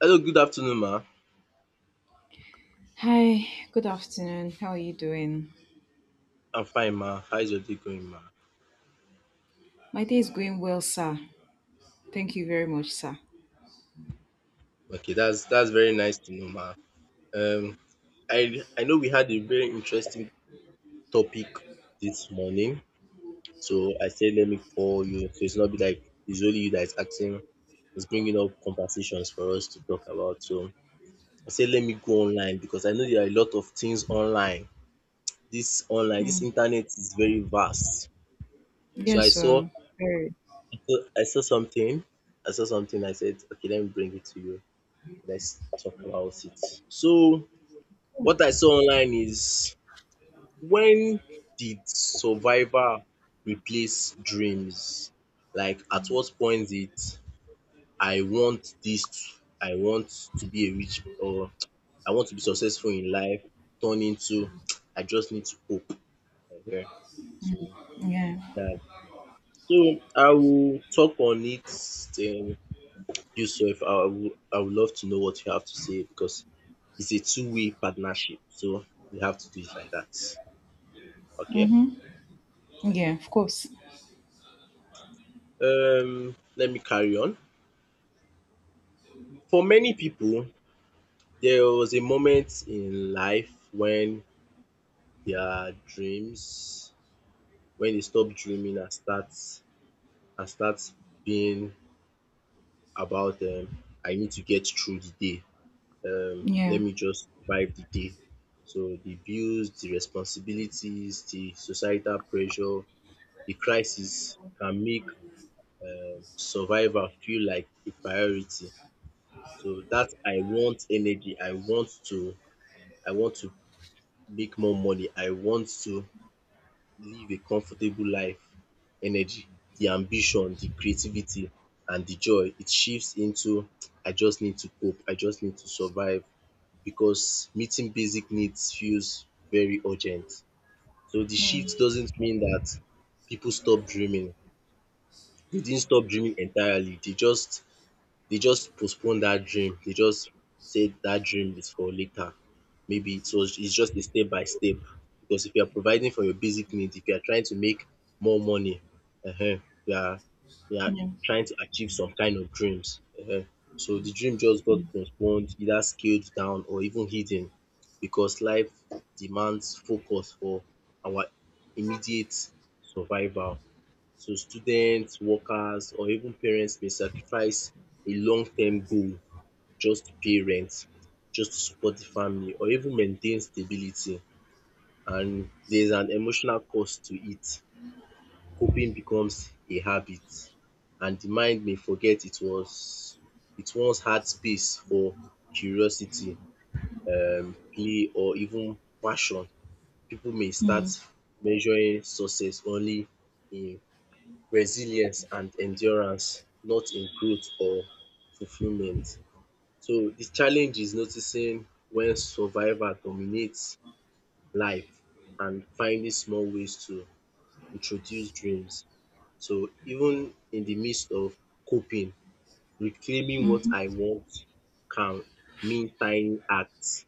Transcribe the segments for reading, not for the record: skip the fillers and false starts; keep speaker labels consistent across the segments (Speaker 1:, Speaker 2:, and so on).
Speaker 1: Hello, good afternoon, ma.
Speaker 2: Hi, good afternoon. How are you doing?
Speaker 1: I'm fine, ma. How's your day going, ma?
Speaker 2: My day is going well, sir. Thank you very much, sir.
Speaker 1: Okay, that's very nice to know, ma. Um, I know we had a very interesting topic this morning, so I said let me call you, so it's not be like it's only you that is asking, it's bringing up conversations for us to talk about. So I said let me go online because I know there are a lot of things online. This online, this
Speaker 2: Mm.
Speaker 1: internet is very vast. So
Speaker 2: Yes,
Speaker 1: I saw
Speaker 2: sir. Very.
Speaker 1: I saw, I saw something, I said okay, let me bring it to you. Let's talk about it. So, what I saw online is, when did Survivor replace dreams? Like, at what point did I want this, I want to be a rich or I want to be successful in life turn into I just need to hope. Okay. So,
Speaker 2: Yeah.
Speaker 1: that. So, I will talk on it. Um, Yusuf, I would love to know what you have to say because it's a two-way partnership. So we have to do it like that. Okay.
Speaker 2: Mm-hmm.
Speaker 1: Okay.
Speaker 2: Yeah, of course.
Speaker 1: Let me carry on. For many people, there was a moment in life when their dreams, when they stop dreaming and start being about I need to get through the day. Let
Speaker 2: Yeah.
Speaker 1: me just survive the day. So the bills, the responsibilities, the societal pressure, the crisis can make survival feel like a priority. So that I want energy, I want to make more money, I want to live a comfortable life energy, the ambition, the creativity and the joy, it shifts into I just need to cope, I just need to survive because meeting basic needs feels very urgent. So the shift
Speaker 2: Mm.
Speaker 1: doesn't mean that people stop dreaming. They didn't stop dreaming entirely. They just postpone that dream. They just say that dream is for later. Maybe it's just a step by step. Because if you are providing for your basic needs, if you are trying to make more money, uh huh, you are you are
Speaker 2: Yeah.
Speaker 1: trying to achieve some kind of dreams. Uh huh. So the dream just got postponed, either scaled down or even hidden because life demands focus for our immediate survival. So students, workers or even parents may sacrifice a long-term goal just to pay rent, just to support the family or even maintain stability, and there's an emotional cost to it. Coping becomes a habit and the mind may forget it once had space for curiosity, play or even passion. People may start
Speaker 2: Mm.
Speaker 1: measuring success only in resilience and endurance, not in growth or fulfillment. So the challenge is noticing when survival dominates life and finding small ways to introduce dreams. So even in the midst of coping, reclaiming what
Speaker 2: Mm-hmm.
Speaker 1: I want can mean tiny acts,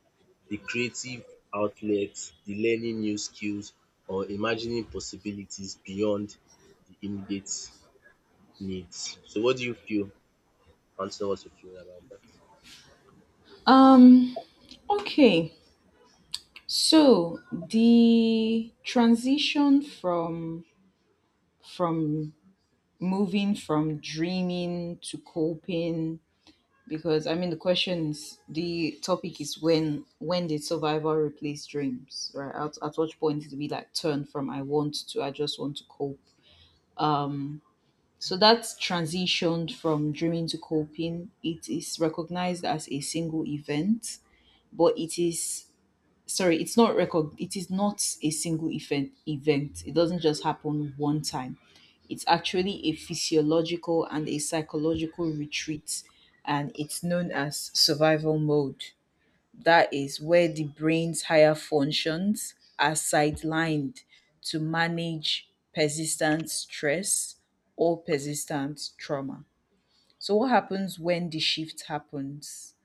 Speaker 1: the creative outlet, the learning new skills, or imagining possibilities beyond the immediate needs. So what do you feel? I want to know what you feel about that.
Speaker 2: Um, okay. So the transition from from moving from dreaming to coping, because I mean the question is, the topic is, when did survival replace dreams, right? At what point did we like turn from I want to I just want to cope? Um, so that's transitioned from dreaming to coping. It is recognized as a single event, but it is, sorry, it is not a single event, it doesn't just happen one time. It's actually a physiological and a psychological retreat, and it's known as survival mode. That is where the brain's higher functions are sidelined to manage persistent stress or persistent trauma. So what happens when the shift happens?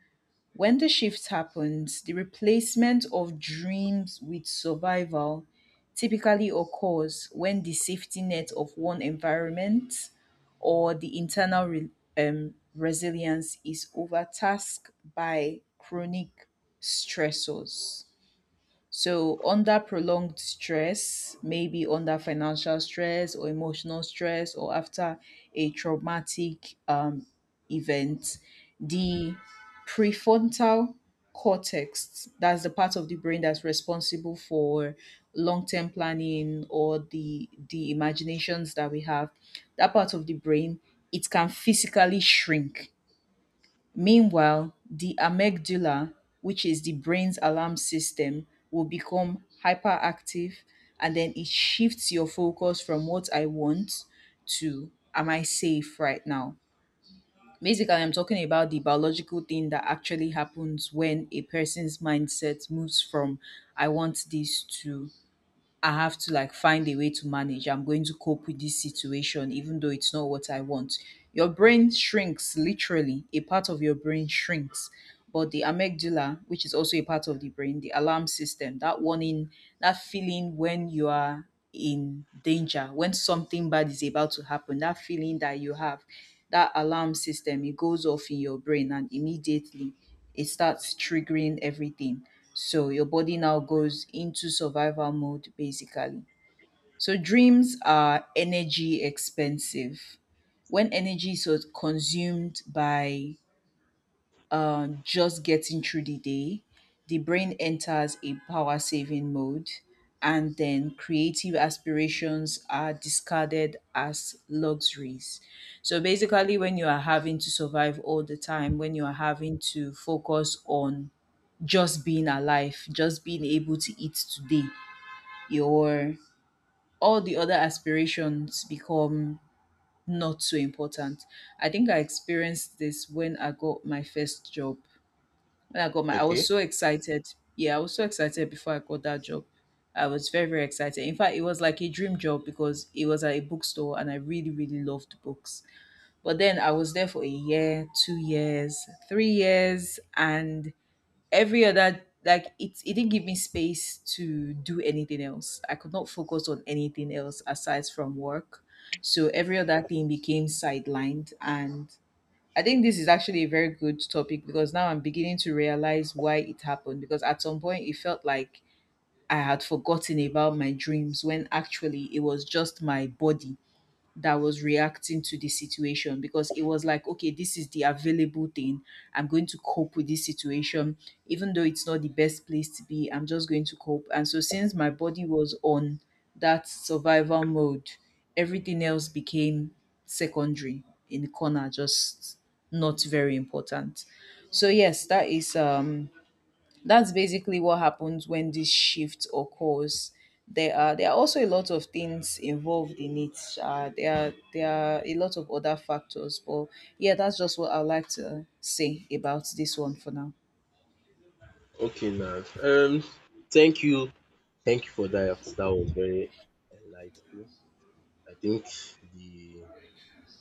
Speaker 2: When the shift happens, the replacement of dreams with survival typically occurs when the safety net of one environment or the internal resilience is overtasked by chronic stressors. So, under prolonged stress, maybe under financial stress or emotional stress, or after a traumatic event, the prefrontal cortex, that's the part of the brain that's responsible for long-term planning or the imaginations that we have, that part of the brain, it can physically shrink. Meanwhile, the amygdala, which is the brain's alarm system, will become hyperactive, and then it shifts your focus from what I want to am I safe right now? Basically, I'm talking about the biological thing that actually happens when a person's mindset moves from I want this to I have to like find a way to manage. I'm going to cope with this situation, even though it's not what I want. Your brain shrinks, literally. A part of your brain shrinks. But the amygdala, which is also a part of the brain, the alarm system, that warning, that feeling when you are in danger, when something bad is about to happen, that feeling that you have, that alarm system, it goes off in your brain and immediately it starts triggering everything, so your body now goes into survival mode basically. So dreams are energy expensive. When energy is consumed by just getting through the day, the brain enters a power saving mode, and then creative aspirations are discarded as luxuries. So basically, when you are having to survive all the time, when you are having to focus on just being alive, just being able to eat today, your all the other aspirations become not so important. I think I experienced this when I got my first job. When I got my, I was
Speaker 1: Okay.
Speaker 2: so excited. Yeah, I was so excited before I got that job. I was very, very excited. In fact, it was like a dream job because it was at a bookstore and I really, really loved books. But then I was there for a year, 2 years, 3 years, and every other like it didn't give me space to do anything else. I could not focus on anything else aside from work. So every other thing became sidelined, and I think this is actually a very good topic because now I'm beginning to realize why it happened, because at some point it felt like I had forgotten about my dreams when actually it was just my body that was reacting to the situation, because it was like, okay, this is the available thing. I'm going to cope with this situation, even though it's not the best place to be. I'm just going to cope. And so, since my body was on that survival mode, everything else became secondary, in the corner, just not very important. So, yes, that's basically what happens when this shift occurs. There are also a lot of things involved in it. There are a lot of other factors, but yeah, that's just what I'd like to say about this one for now.
Speaker 1: Okay, now. Thank you, thank you for that. That was very enlightening. I think the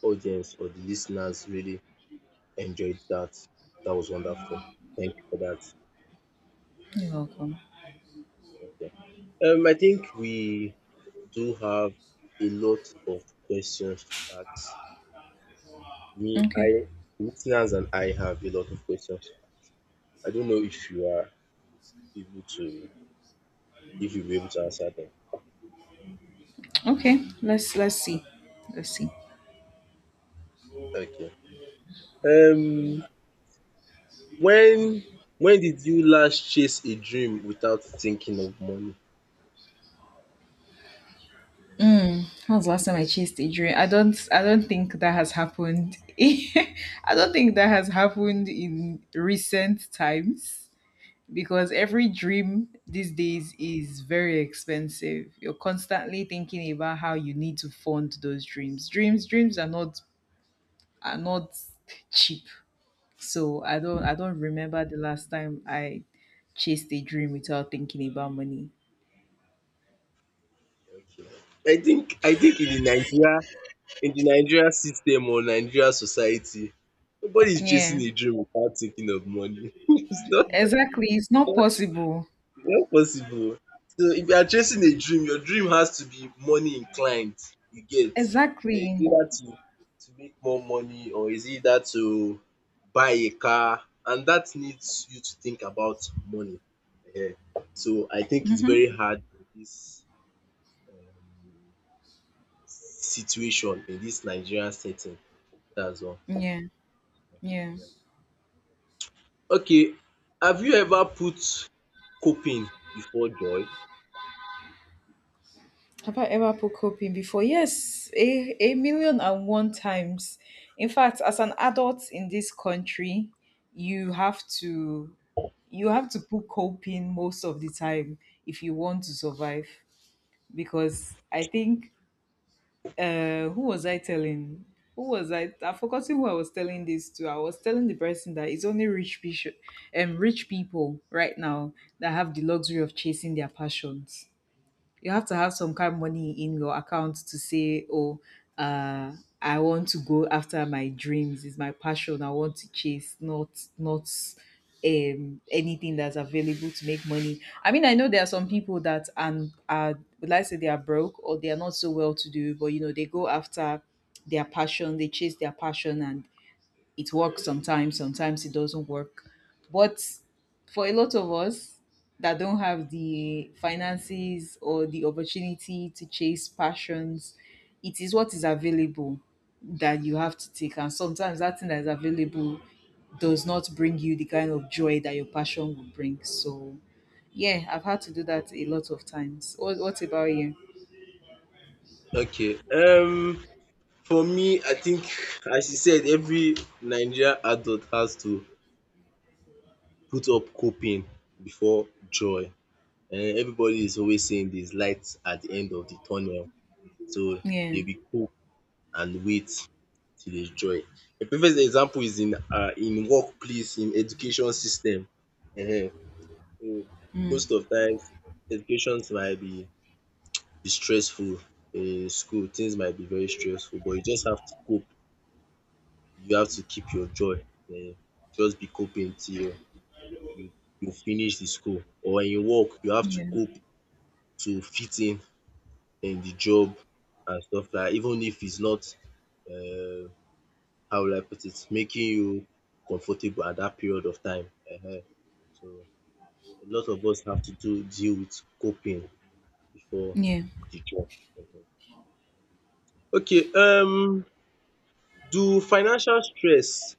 Speaker 1: audience or the listeners really enjoyed that. That was wonderful. Thank you for that.
Speaker 2: You're welcome.
Speaker 1: Okay. I think we do have a lot of questions to ask. Me,
Speaker 2: Okay,
Speaker 1: I, listeners and I have a lot of questions to ask. I don't know if you are able to, if you'll be able to answer them.
Speaker 2: okay. Let's see.
Speaker 1: Okay. Um, when when did you last chase a dream without thinking of money?
Speaker 2: When was the last time I chased a dream? I don't think that has happened. I don't think that has happened in recent times, because every dream these days is very expensive. You're constantly thinking about how you need to fund those dreams. Dreams are not cheap. So I don't remember the last time I chased a dream without thinking about money.
Speaker 1: Okay. I think in the Nigeria system or Nigeria society, nobody is chasing
Speaker 2: Yeah.
Speaker 1: a dream without thinking of money. It's not.
Speaker 2: Exactly. It's not possible.
Speaker 1: Not possible. So if you are chasing a dream, your dream has to be money inclined, you get. Eh, is
Speaker 2: Exactly.
Speaker 1: it that to make more money or is it that to buy a car, and that needs you to think about money. Ehen. So I think it's
Speaker 2: Hmm.
Speaker 1: very hard in this um situation, in this Nigerian setting. That's all.
Speaker 2: Yeah. Yeah.
Speaker 1: Yeah. Okay. Have you ever put coping before joy?
Speaker 2: Have I ever put coping before? Yes, a million and one times. In fact, as an adult in this country, you have to you have to put coping most of the time if you want to survive. Because I think who was I telling? Who was I? I forgot who I was telling this to. I was telling the person that it's only rich people, rich people right now, that have the luxury of chasing their passions. You have to have some kind of money in your account to say, oh, uh, I want to go after my dreams. It's my passion. I want to chase, not anything that's available to make money. I mean, I know there are some people that and are would like say they are broke or they are not so well to do, but you know they go after their passion, they chase their passion, and it works sometimes, sometimes it doesn't work. But for a lot of us that don't have the finances or the opportunity to chase passions, it is what is available that you have to take. And sometimes that thing that is available does not bring you the kind of joy that your passion would bring. So, yeah, I've had to do that a lot of times. What about you?
Speaker 1: Okay. For me, I think as you said, every Nigerian adult has to put up coping before joy. And everybody is always saying there is light at the end of the tunnel, so
Speaker 2: Yeah.
Speaker 1: they will cope and wait till there is joy. A perfect example is in workplace, in education system. um
Speaker 2: Mm,
Speaker 1: Most of times, education might be stressful in school, things might be very stressful, but you just have to cope, you have to keep your joy. um just be coping till you you finish the school, or in work you have to
Speaker 2: yeah.
Speaker 1: cope to fit in the job, and stuff like even if it's not um how will I put it, making you comfortable at that period of time. um. So a lot of us have to do deal with coping before
Speaker 2: Yeah.
Speaker 1: the job. Ehen. Okay, do financial stress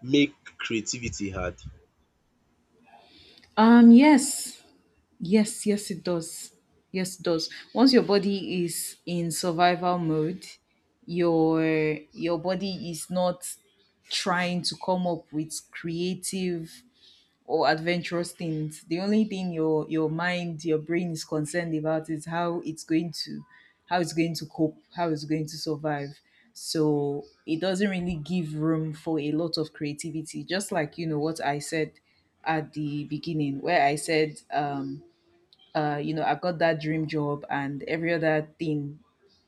Speaker 1: make creativity hard?
Speaker 2: Yes. Yes, yes, it does. Yes, it does. Once your body is in survival mode, your your body is not trying to come up with creative or adventurous things. The only thing your mind, your brain is concerned about is how it's going to cope, how it's going to survive. So it doesn't really give room for a lot of creativity. Just like you know what I said at the beginning, where I said I got that dream job and every other thing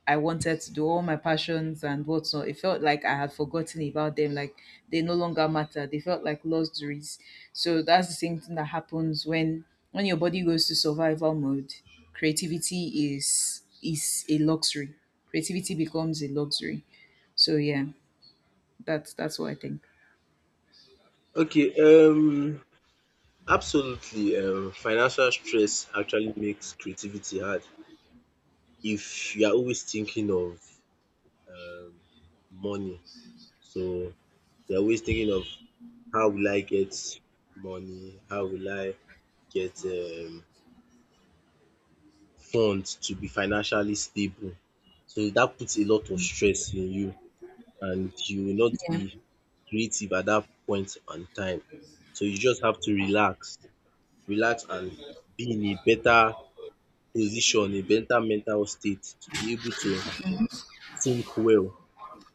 Speaker 2: I wanted to do, all my passions and whatnot. It felt like I had forgotten about them, like they no longer matter. They felt like luxuries. So that's the same thing that happens when your body goes to survival mode. Creativity is a luxury. Creativity becomes a luxury. So yeah, that's what I think.
Speaker 1: Okay, absolutely. Um, financial stress actually makes creativity hard if you are always thinking of um, money. So you're always thinking of how will I get money? How will I get funds to be financially stable? So that puts a lot of stress in you, and you will not
Speaker 2: Yeah,
Speaker 1: be creative at that point and time. So you just have to relax, relax, and be in a better position, a better mental state to be able to think well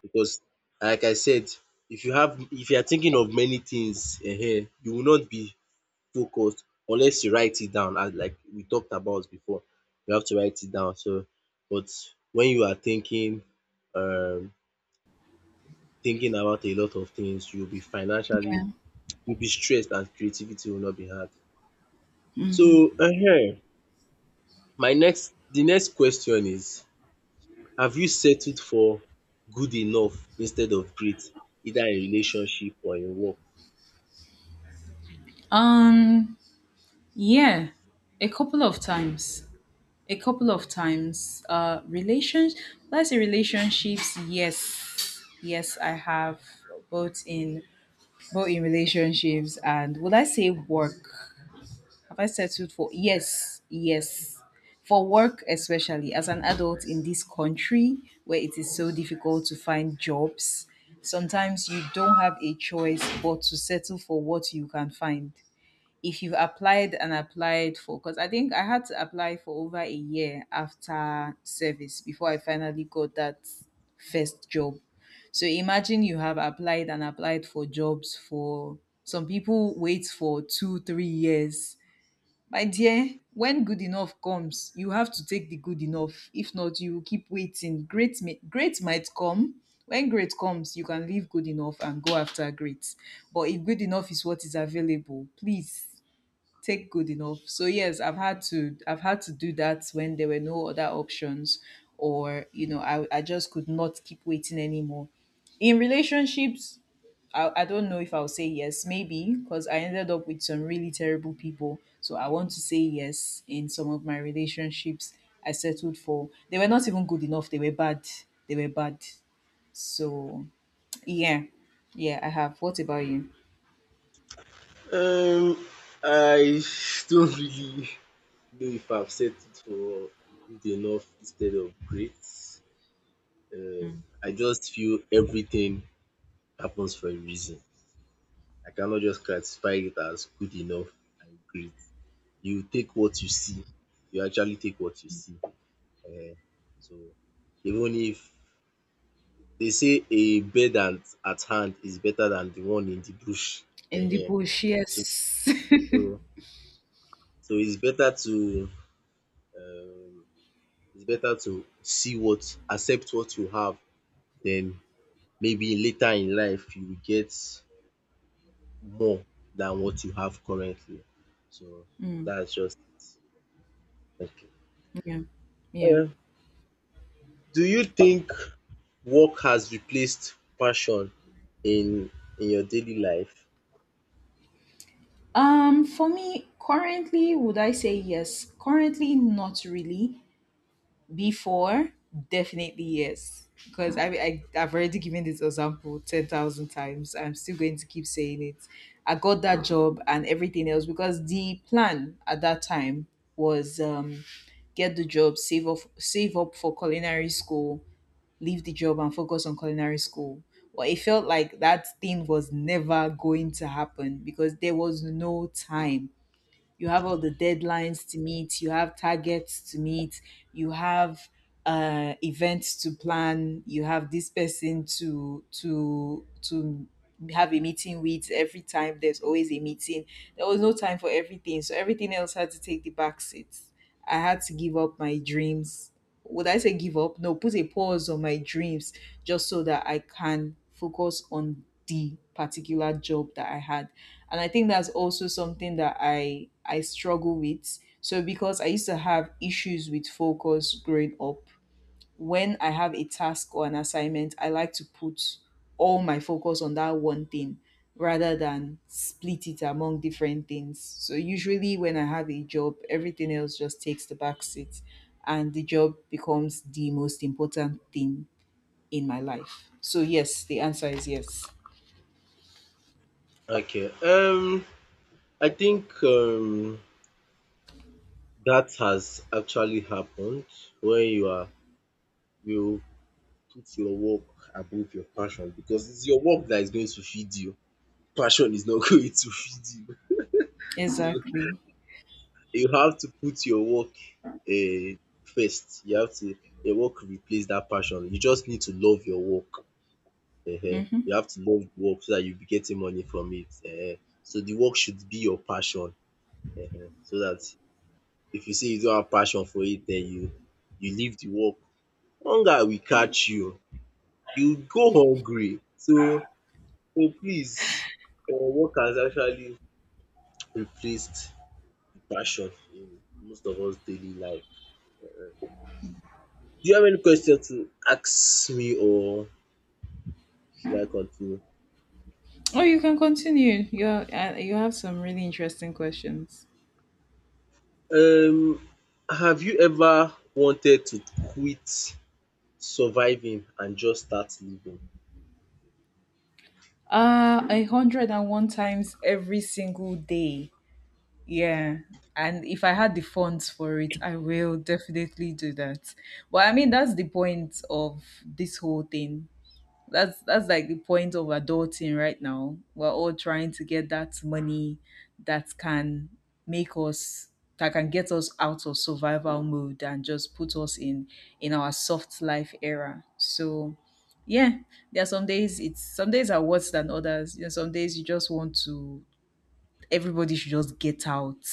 Speaker 1: because, like I said, if you are thinking of many things, you will not be focused unless you write it down, as like we talked about before. You have to write it down. So but when you are thinking um thinking about a lot of things,
Speaker 2: yeah.
Speaker 1: you will be stressed and creativity will not be had. So my next the next question is, have you settled for good enough instead of great, either in relationship or in work?
Speaker 2: Um, yeah, a couple of times. A couple of times. Relations. Let's say relationships. Yes, yes, I have, both in relationships, and would I say work? Have I settled for? Yes, yes, for work, especially as an adult in this country where it is so difficult to find jobs. Sometimes you don't have a choice but to settle for what you can find, if you've applied and applied, for because I think I had to apply for over a year after service before I finally got that first job. So imagine you have applied and applied for jobs for, some people wait for 2-3 years. My dear, when good enough comes, you have to take the good enough. If not, you will keep waiting. Great might come. When great comes, you can leave good enough and go after great. But if good enough is what is available, please take good enough. So yes, I've had to do that when there were no other options, or you know I just could not keep waiting anymore. In relationships, I don't know if I'll say yes, maybe, because I ended up with some really terrible people. So I want to say yes, in some of my relationships I settled for. They were not even good enough, they were bad. They were bad. So yeah. Yeah, I have. What about you?
Speaker 1: Um, I don't really know if I've settled for good enough instead of great. um I just feel everything happens for a reason. I cannot just classify it as good enough and great. You take what you see, you actually take what you see. um so even if, they say a bird at hand is better than the one in the bush.
Speaker 2: In the
Speaker 1: Ehen.
Speaker 2: bush,
Speaker 1: So,
Speaker 2: yes.
Speaker 1: so, so um, it's better to see what, accept what you have, then maybe later in life you will get more than what you have currently. So
Speaker 2: Mm.
Speaker 1: that's just it. Okay.
Speaker 2: Yeah. Yeah.
Speaker 1: Uh, do you think work has replaced passion in your daily life?
Speaker 2: For me, currently, would I say yes? Currently, not really. Before, definitely yes. Because I've already given this example 10,000 times. I'm still going to keep saying it. I got that job and everything else because the plan at that time was get the job, save up for culinary school, leave the job and focus on culinary school. Well, it felt like that thing was never going to happen because there was no time. You have all the deadlines to meet, you have targets to meet, you have events to plan, you have this person to have a meeting with. Every time there's always a meeting. There was no time for everything, so everything else had to take the back seat. I had to give up my dreams, would I say give up? No, put a pause on my dreams just so that I can focus on the particular job that I had. And I think that's also something that I struggle with. So because I used to have issues with focus growing up, when I have a task or an assignment, I like to put all my focus on that one thing rather than split it among different things. So usually when I have a job, everything else just takes the back seat and the job becomes the most important thing in my life. So yes, the answer is yes.
Speaker 1: Okay. I think that has actually happened when you put your work above your passion, because it's your work that is going to feed you. Passion is not going to feed you. So
Speaker 2: Exactly.
Speaker 1: you have to put your work first. You have to, your work replace that passion. You just need to love your work. um You
Speaker 2: Mm-hmm.
Speaker 1: have to love the work so that you'll be getting money from it. So the work should be your passion, so that if you say you don't have passion for it, then you leave the work, hunger will catch you, you go hungry. So so please, work has actually replaced the passion in most of us daily life. um. Do you have any question to ask me, or should I continue?
Speaker 2: Oh, you can continue. You have some really interesting questions.
Speaker 1: Um have you ever wanted to quit surviving and just start living?
Speaker 2: A hundred and one times every single day. Yeah. And if I had the funds for it, I will definitely do that. But I mean, that's the point of this whole thing. That's like the point of adulting right now. We're all trying to get that money that can make us that can get us out of survival mode and just put us in our soft life era. So yeah, there are some days, it's some days are worse than others. Some days you just want to, everybody should just get out,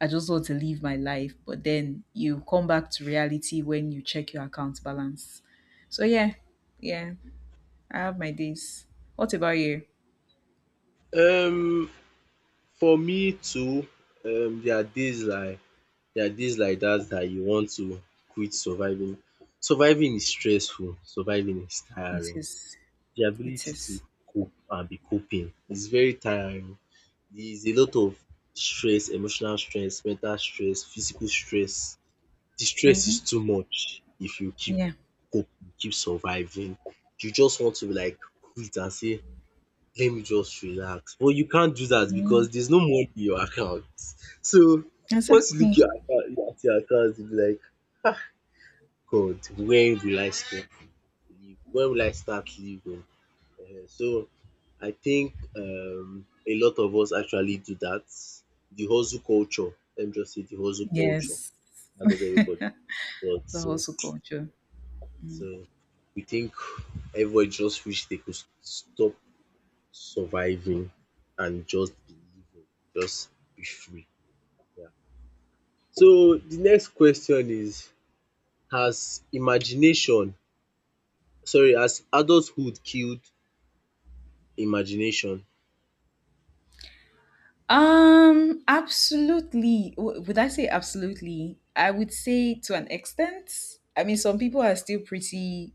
Speaker 2: I just want to live my life. But then you come back to reality when you check your account balance. So yeah, yeah, I have my days. What about you?
Speaker 1: Um for me too, um there are days like there are days like that that you want to quit surviving. Surviving is stressful, surviving is
Speaker 2: It
Speaker 1: tiring.
Speaker 2: is.
Speaker 1: The
Speaker 2: It
Speaker 1: ability to
Speaker 2: is.
Speaker 1: cope and be coping is very tiring. There is a lot of stress, emotional stress, mental stress, physical stress. The stress
Speaker 2: Mm-hmm.
Speaker 1: is too much if you keep
Speaker 2: Yeah.
Speaker 1: coping, keep surviving. You just want to like quit and say let me just relax. But you can't do that because
Speaker 2: Mhm.
Speaker 1: there's no money in your account. So once you look
Speaker 2: Exactly.
Speaker 1: your account at your account, you be like, God, when will I stop live? When will I start living? Eh, so I think a lot of us actually do that. The hustle culture. Let me just say the hustle culture.
Speaker 2: Yes.
Speaker 1: That's what everybody does.
Speaker 2: The
Speaker 1: So
Speaker 2: hustle culture.
Speaker 1: so we think everybody just wish they could stop surviving and just believing. Just be free. Yeah. So the next question is, has imagination has adulthood killed imagination?
Speaker 2: Absolutely. Would I say absolutely? I would say to an extent. I mean, some people are still pretty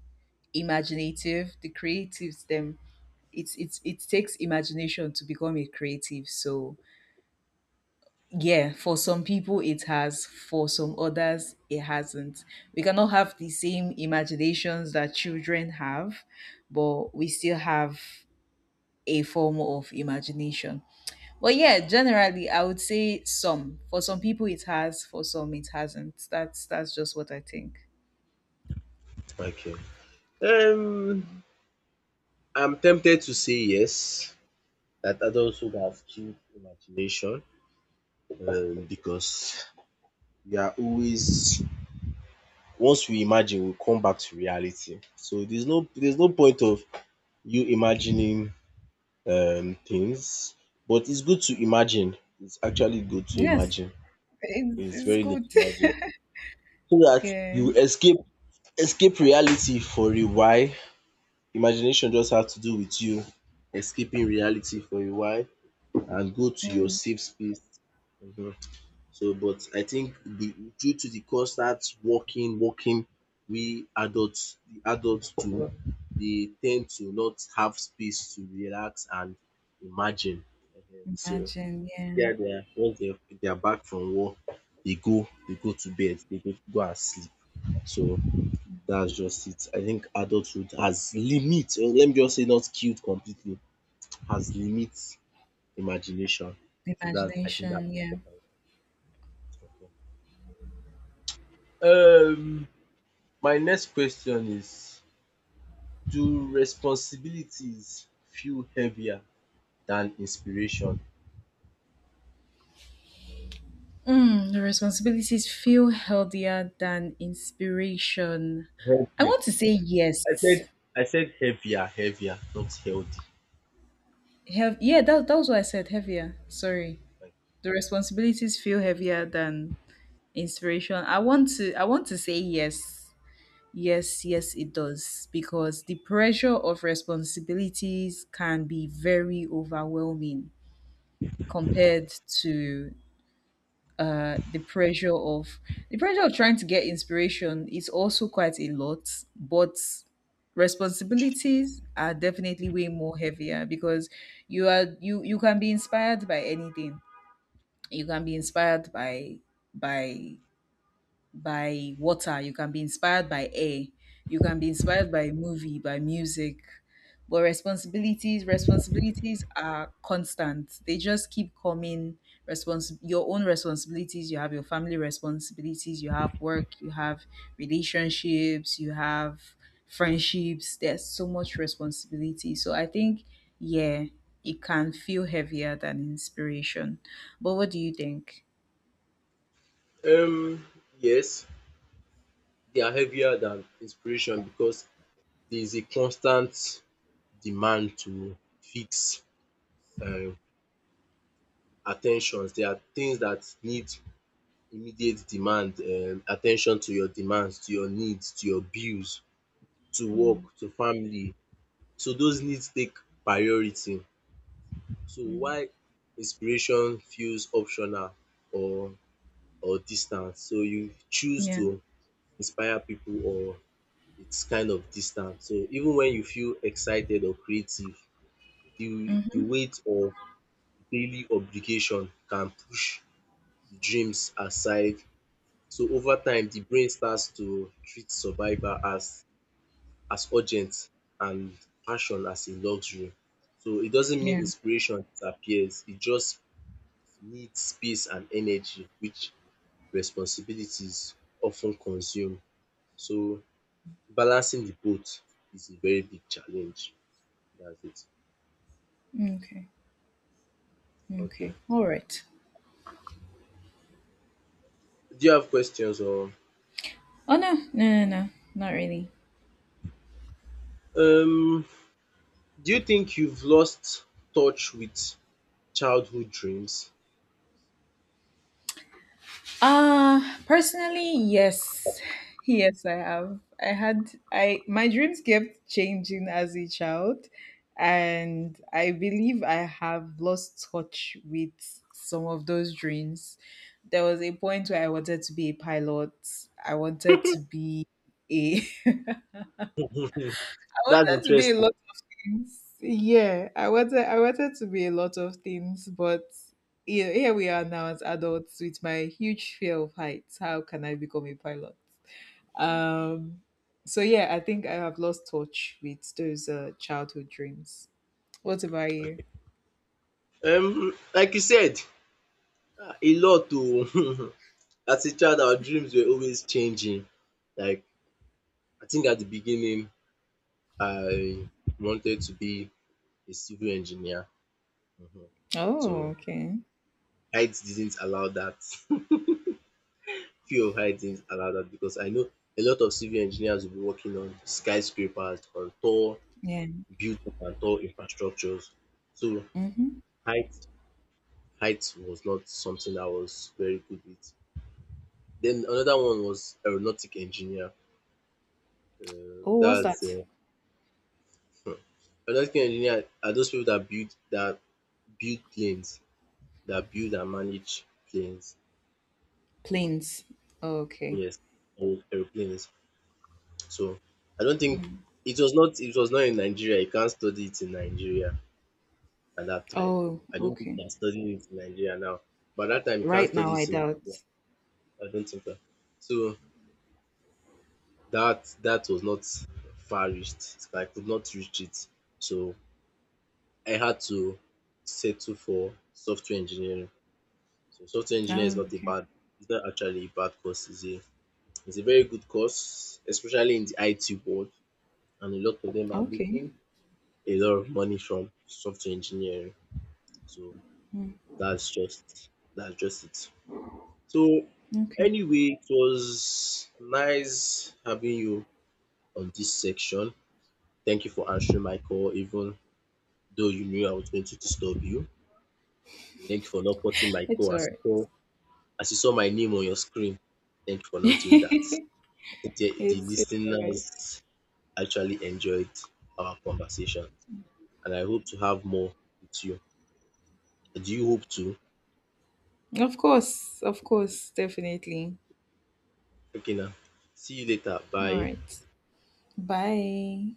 Speaker 2: imaginative, the creatives, them. It's it takes imagination to become a creative, so yeah, for some people it has, for some others it hasn't. We cannot have the same imaginations that children have, but we still have a form of imagination. But yeah, generally I would say, some for some people it has, for some it hasn't. That's just what I think.
Speaker 1: Okay. Um I'm tempted to say yes, that adulthood has killed imagination, because we are always, once we imagine we come back to reality. So there's no, point of you imagining things. But it's good to imagine. It's actually good to
Speaker 2: Yes,
Speaker 1: imagine.
Speaker 2: it's,
Speaker 1: It's
Speaker 2: it's
Speaker 1: very good
Speaker 2: good.
Speaker 1: to imagine. So that
Speaker 2: Yeah.
Speaker 1: you escape, escape reality for a while. Imagination just has to do with you escaping reality for a while and go to your
Speaker 2: Mm.
Speaker 1: safe space. Mhm. But I think the due to the constant working, working, we adults, the adults too, they tend to not have space to relax and imagine. Ehen. So
Speaker 2: Imagine. Yeah.
Speaker 1: yeah, they are once they are back from war, they go to bed, they go go and sleep. So that's just it. I think adulthood has limit. Let me just say not killed completely, has limit imagination. So that I think that's
Speaker 2: Imagination. Yeah.
Speaker 1: important. Okay. Um, my next question is: do responsibilities feel heavier than inspiration?
Speaker 2: Mm, the responsibilities feel healthier than inspiration. I
Speaker 1: Heavier.
Speaker 2: want to say
Speaker 1: I
Speaker 2: yes.
Speaker 1: said I said heavier, heavier, not healthy.
Speaker 2: Yeah, that was what I said, heavier. Sorry. The responsibilities feel heavier than inspiration. I want to say yes. Yes, yes, it does. Because the pressure of responsibilities can be very overwhelming compared to the pressure of, trying to get inspiration is also quite a lot, but responsibilities are definitely way more heavier because you are you you can be inspired by anything, you can be inspired by by water, you can be inspired by air, you can be inspired by a movie, by music. But responsibilities are constant. They just keep coming. Your own responsibilities, you have your family responsibilities, you have work, you have relationships, you have friendships. There's so much responsibility. So I think, yeah, it can feel heavier than inspiration. But what do you think?
Speaker 1: Um, yes, they are heavier than inspiration because there is a constant demand to fix um attentions. There are things that need immediate demand at ten tion to your demands, to your needs, to your bills, to work,
Speaker 2: Mm.
Speaker 1: to family. So those needs take priority. So while inspiration feels optional or distant. So you choose
Speaker 2: Yeah.
Speaker 1: to inspire pipu or it's kind of distant. So even when you feel excited or creative, the
Speaker 2: Mm-hmm.
Speaker 1: the weight of daily obligation can push the dreams aside. So over time, the brain starts to treat survival as urgent and passion as a luxury. So it doesn't mean inspiration disappears. It just needs space and energy, which responsibilities often consume. So balancing the both is a very big challenge. That's it.
Speaker 2: Okay.
Speaker 1: Okay.
Speaker 2: Okay. All right.
Speaker 1: Do you have questions or
Speaker 2: Oh, no, no, no, no, not really.
Speaker 1: um do you think you've lost touch with childhood dreams?
Speaker 2: Personally, yes. Yes, I have. I had I My dreams kept changing as a child, and I believe I have lost touch with some of those dreams. There was a point where I wanted to be a pilot. I wanted to be a
Speaker 1: Hmm,
Speaker 2: I
Speaker 1: that's
Speaker 2: wanted to be a
Speaker 1: interesting.
Speaker 2: lot of things. Yeah, I wanted to be a lot of things, but here we are now as adults with my huge fear of heights. How can I become a pilot? Um, so yeah, I think I have lost touch with those childhood dreams. What about you?
Speaker 1: Um, like you said, ah, a lot to as a child our dreams were always changing. Like I think at the beginning I wanted to be a civil engineer. Mhm. So
Speaker 2: Oh, okay.
Speaker 1: height didn't allow that. Fear of heights around that because I know a lot of civil engineers will be working on skyscrapers, on tall
Speaker 2: Yeah.
Speaker 1: buildings and tall infrastructures. So
Speaker 2: Mm-hmm.
Speaker 1: height height was not something I was very good with. Then another one was aeronautic engineer.
Speaker 2: Oh, what's
Speaker 1: That's
Speaker 2: that?
Speaker 1: hmm. Aeronautic engineer are those people that build planes, that build and manage planes.
Speaker 2: Planes. Okay.
Speaker 1: Yes, aeroplanes. So I don't think it was not in Nigeria. You can't study it in Nigeria at that time.
Speaker 2: Oh,
Speaker 1: I don't think
Speaker 2: okay.
Speaker 1: they're studying it in Nigeria now. But that time you can't
Speaker 2: Right
Speaker 1: study
Speaker 2: now, I
Speaker 1: it in
Speaker 2: doubt.
Speaker 1: Nigeria. I don't think that. So that was not far reached. I could not reach it. So I had to settle for software engineering. So software engineering is
Speaker 2: Oh,
Speaker 1: not a
Speaker 2: okay.
Speaker 1: bad it's not actually a bad course. It's a very good course, especially in the IT world. And a lot of them are
Speaker 2: Okay.
Speaker 1: making a lot of money from software engineering. So
Speaker 2: Mm,
Speaker 1: that's just that's just it. So
Speaker 2: okay.
Speaker 1: anyway, it was nice having you on this section. Thank you for answering my call, even though you knew I was going to disturb you. Thank you for not putting my
Speaker 2: It's
Speaker 1: call
Speaker 2: all right.
Speaker 1: as you saw my name on your screen. Thank you for not doing that.
Speaker 2: it's,
Speaker 1: I think the
Speaker 2: it's all right.
Speaker 1: listeners actually enjoyed our conversation, and I hope to have more with you. Do you hope to?
Speaker 2: Of course, definitely.
Speaker 1: Okay, now. See you later.
Speaker 2: All
Speaker 1: Bye.
Speaker 2: right. Bye.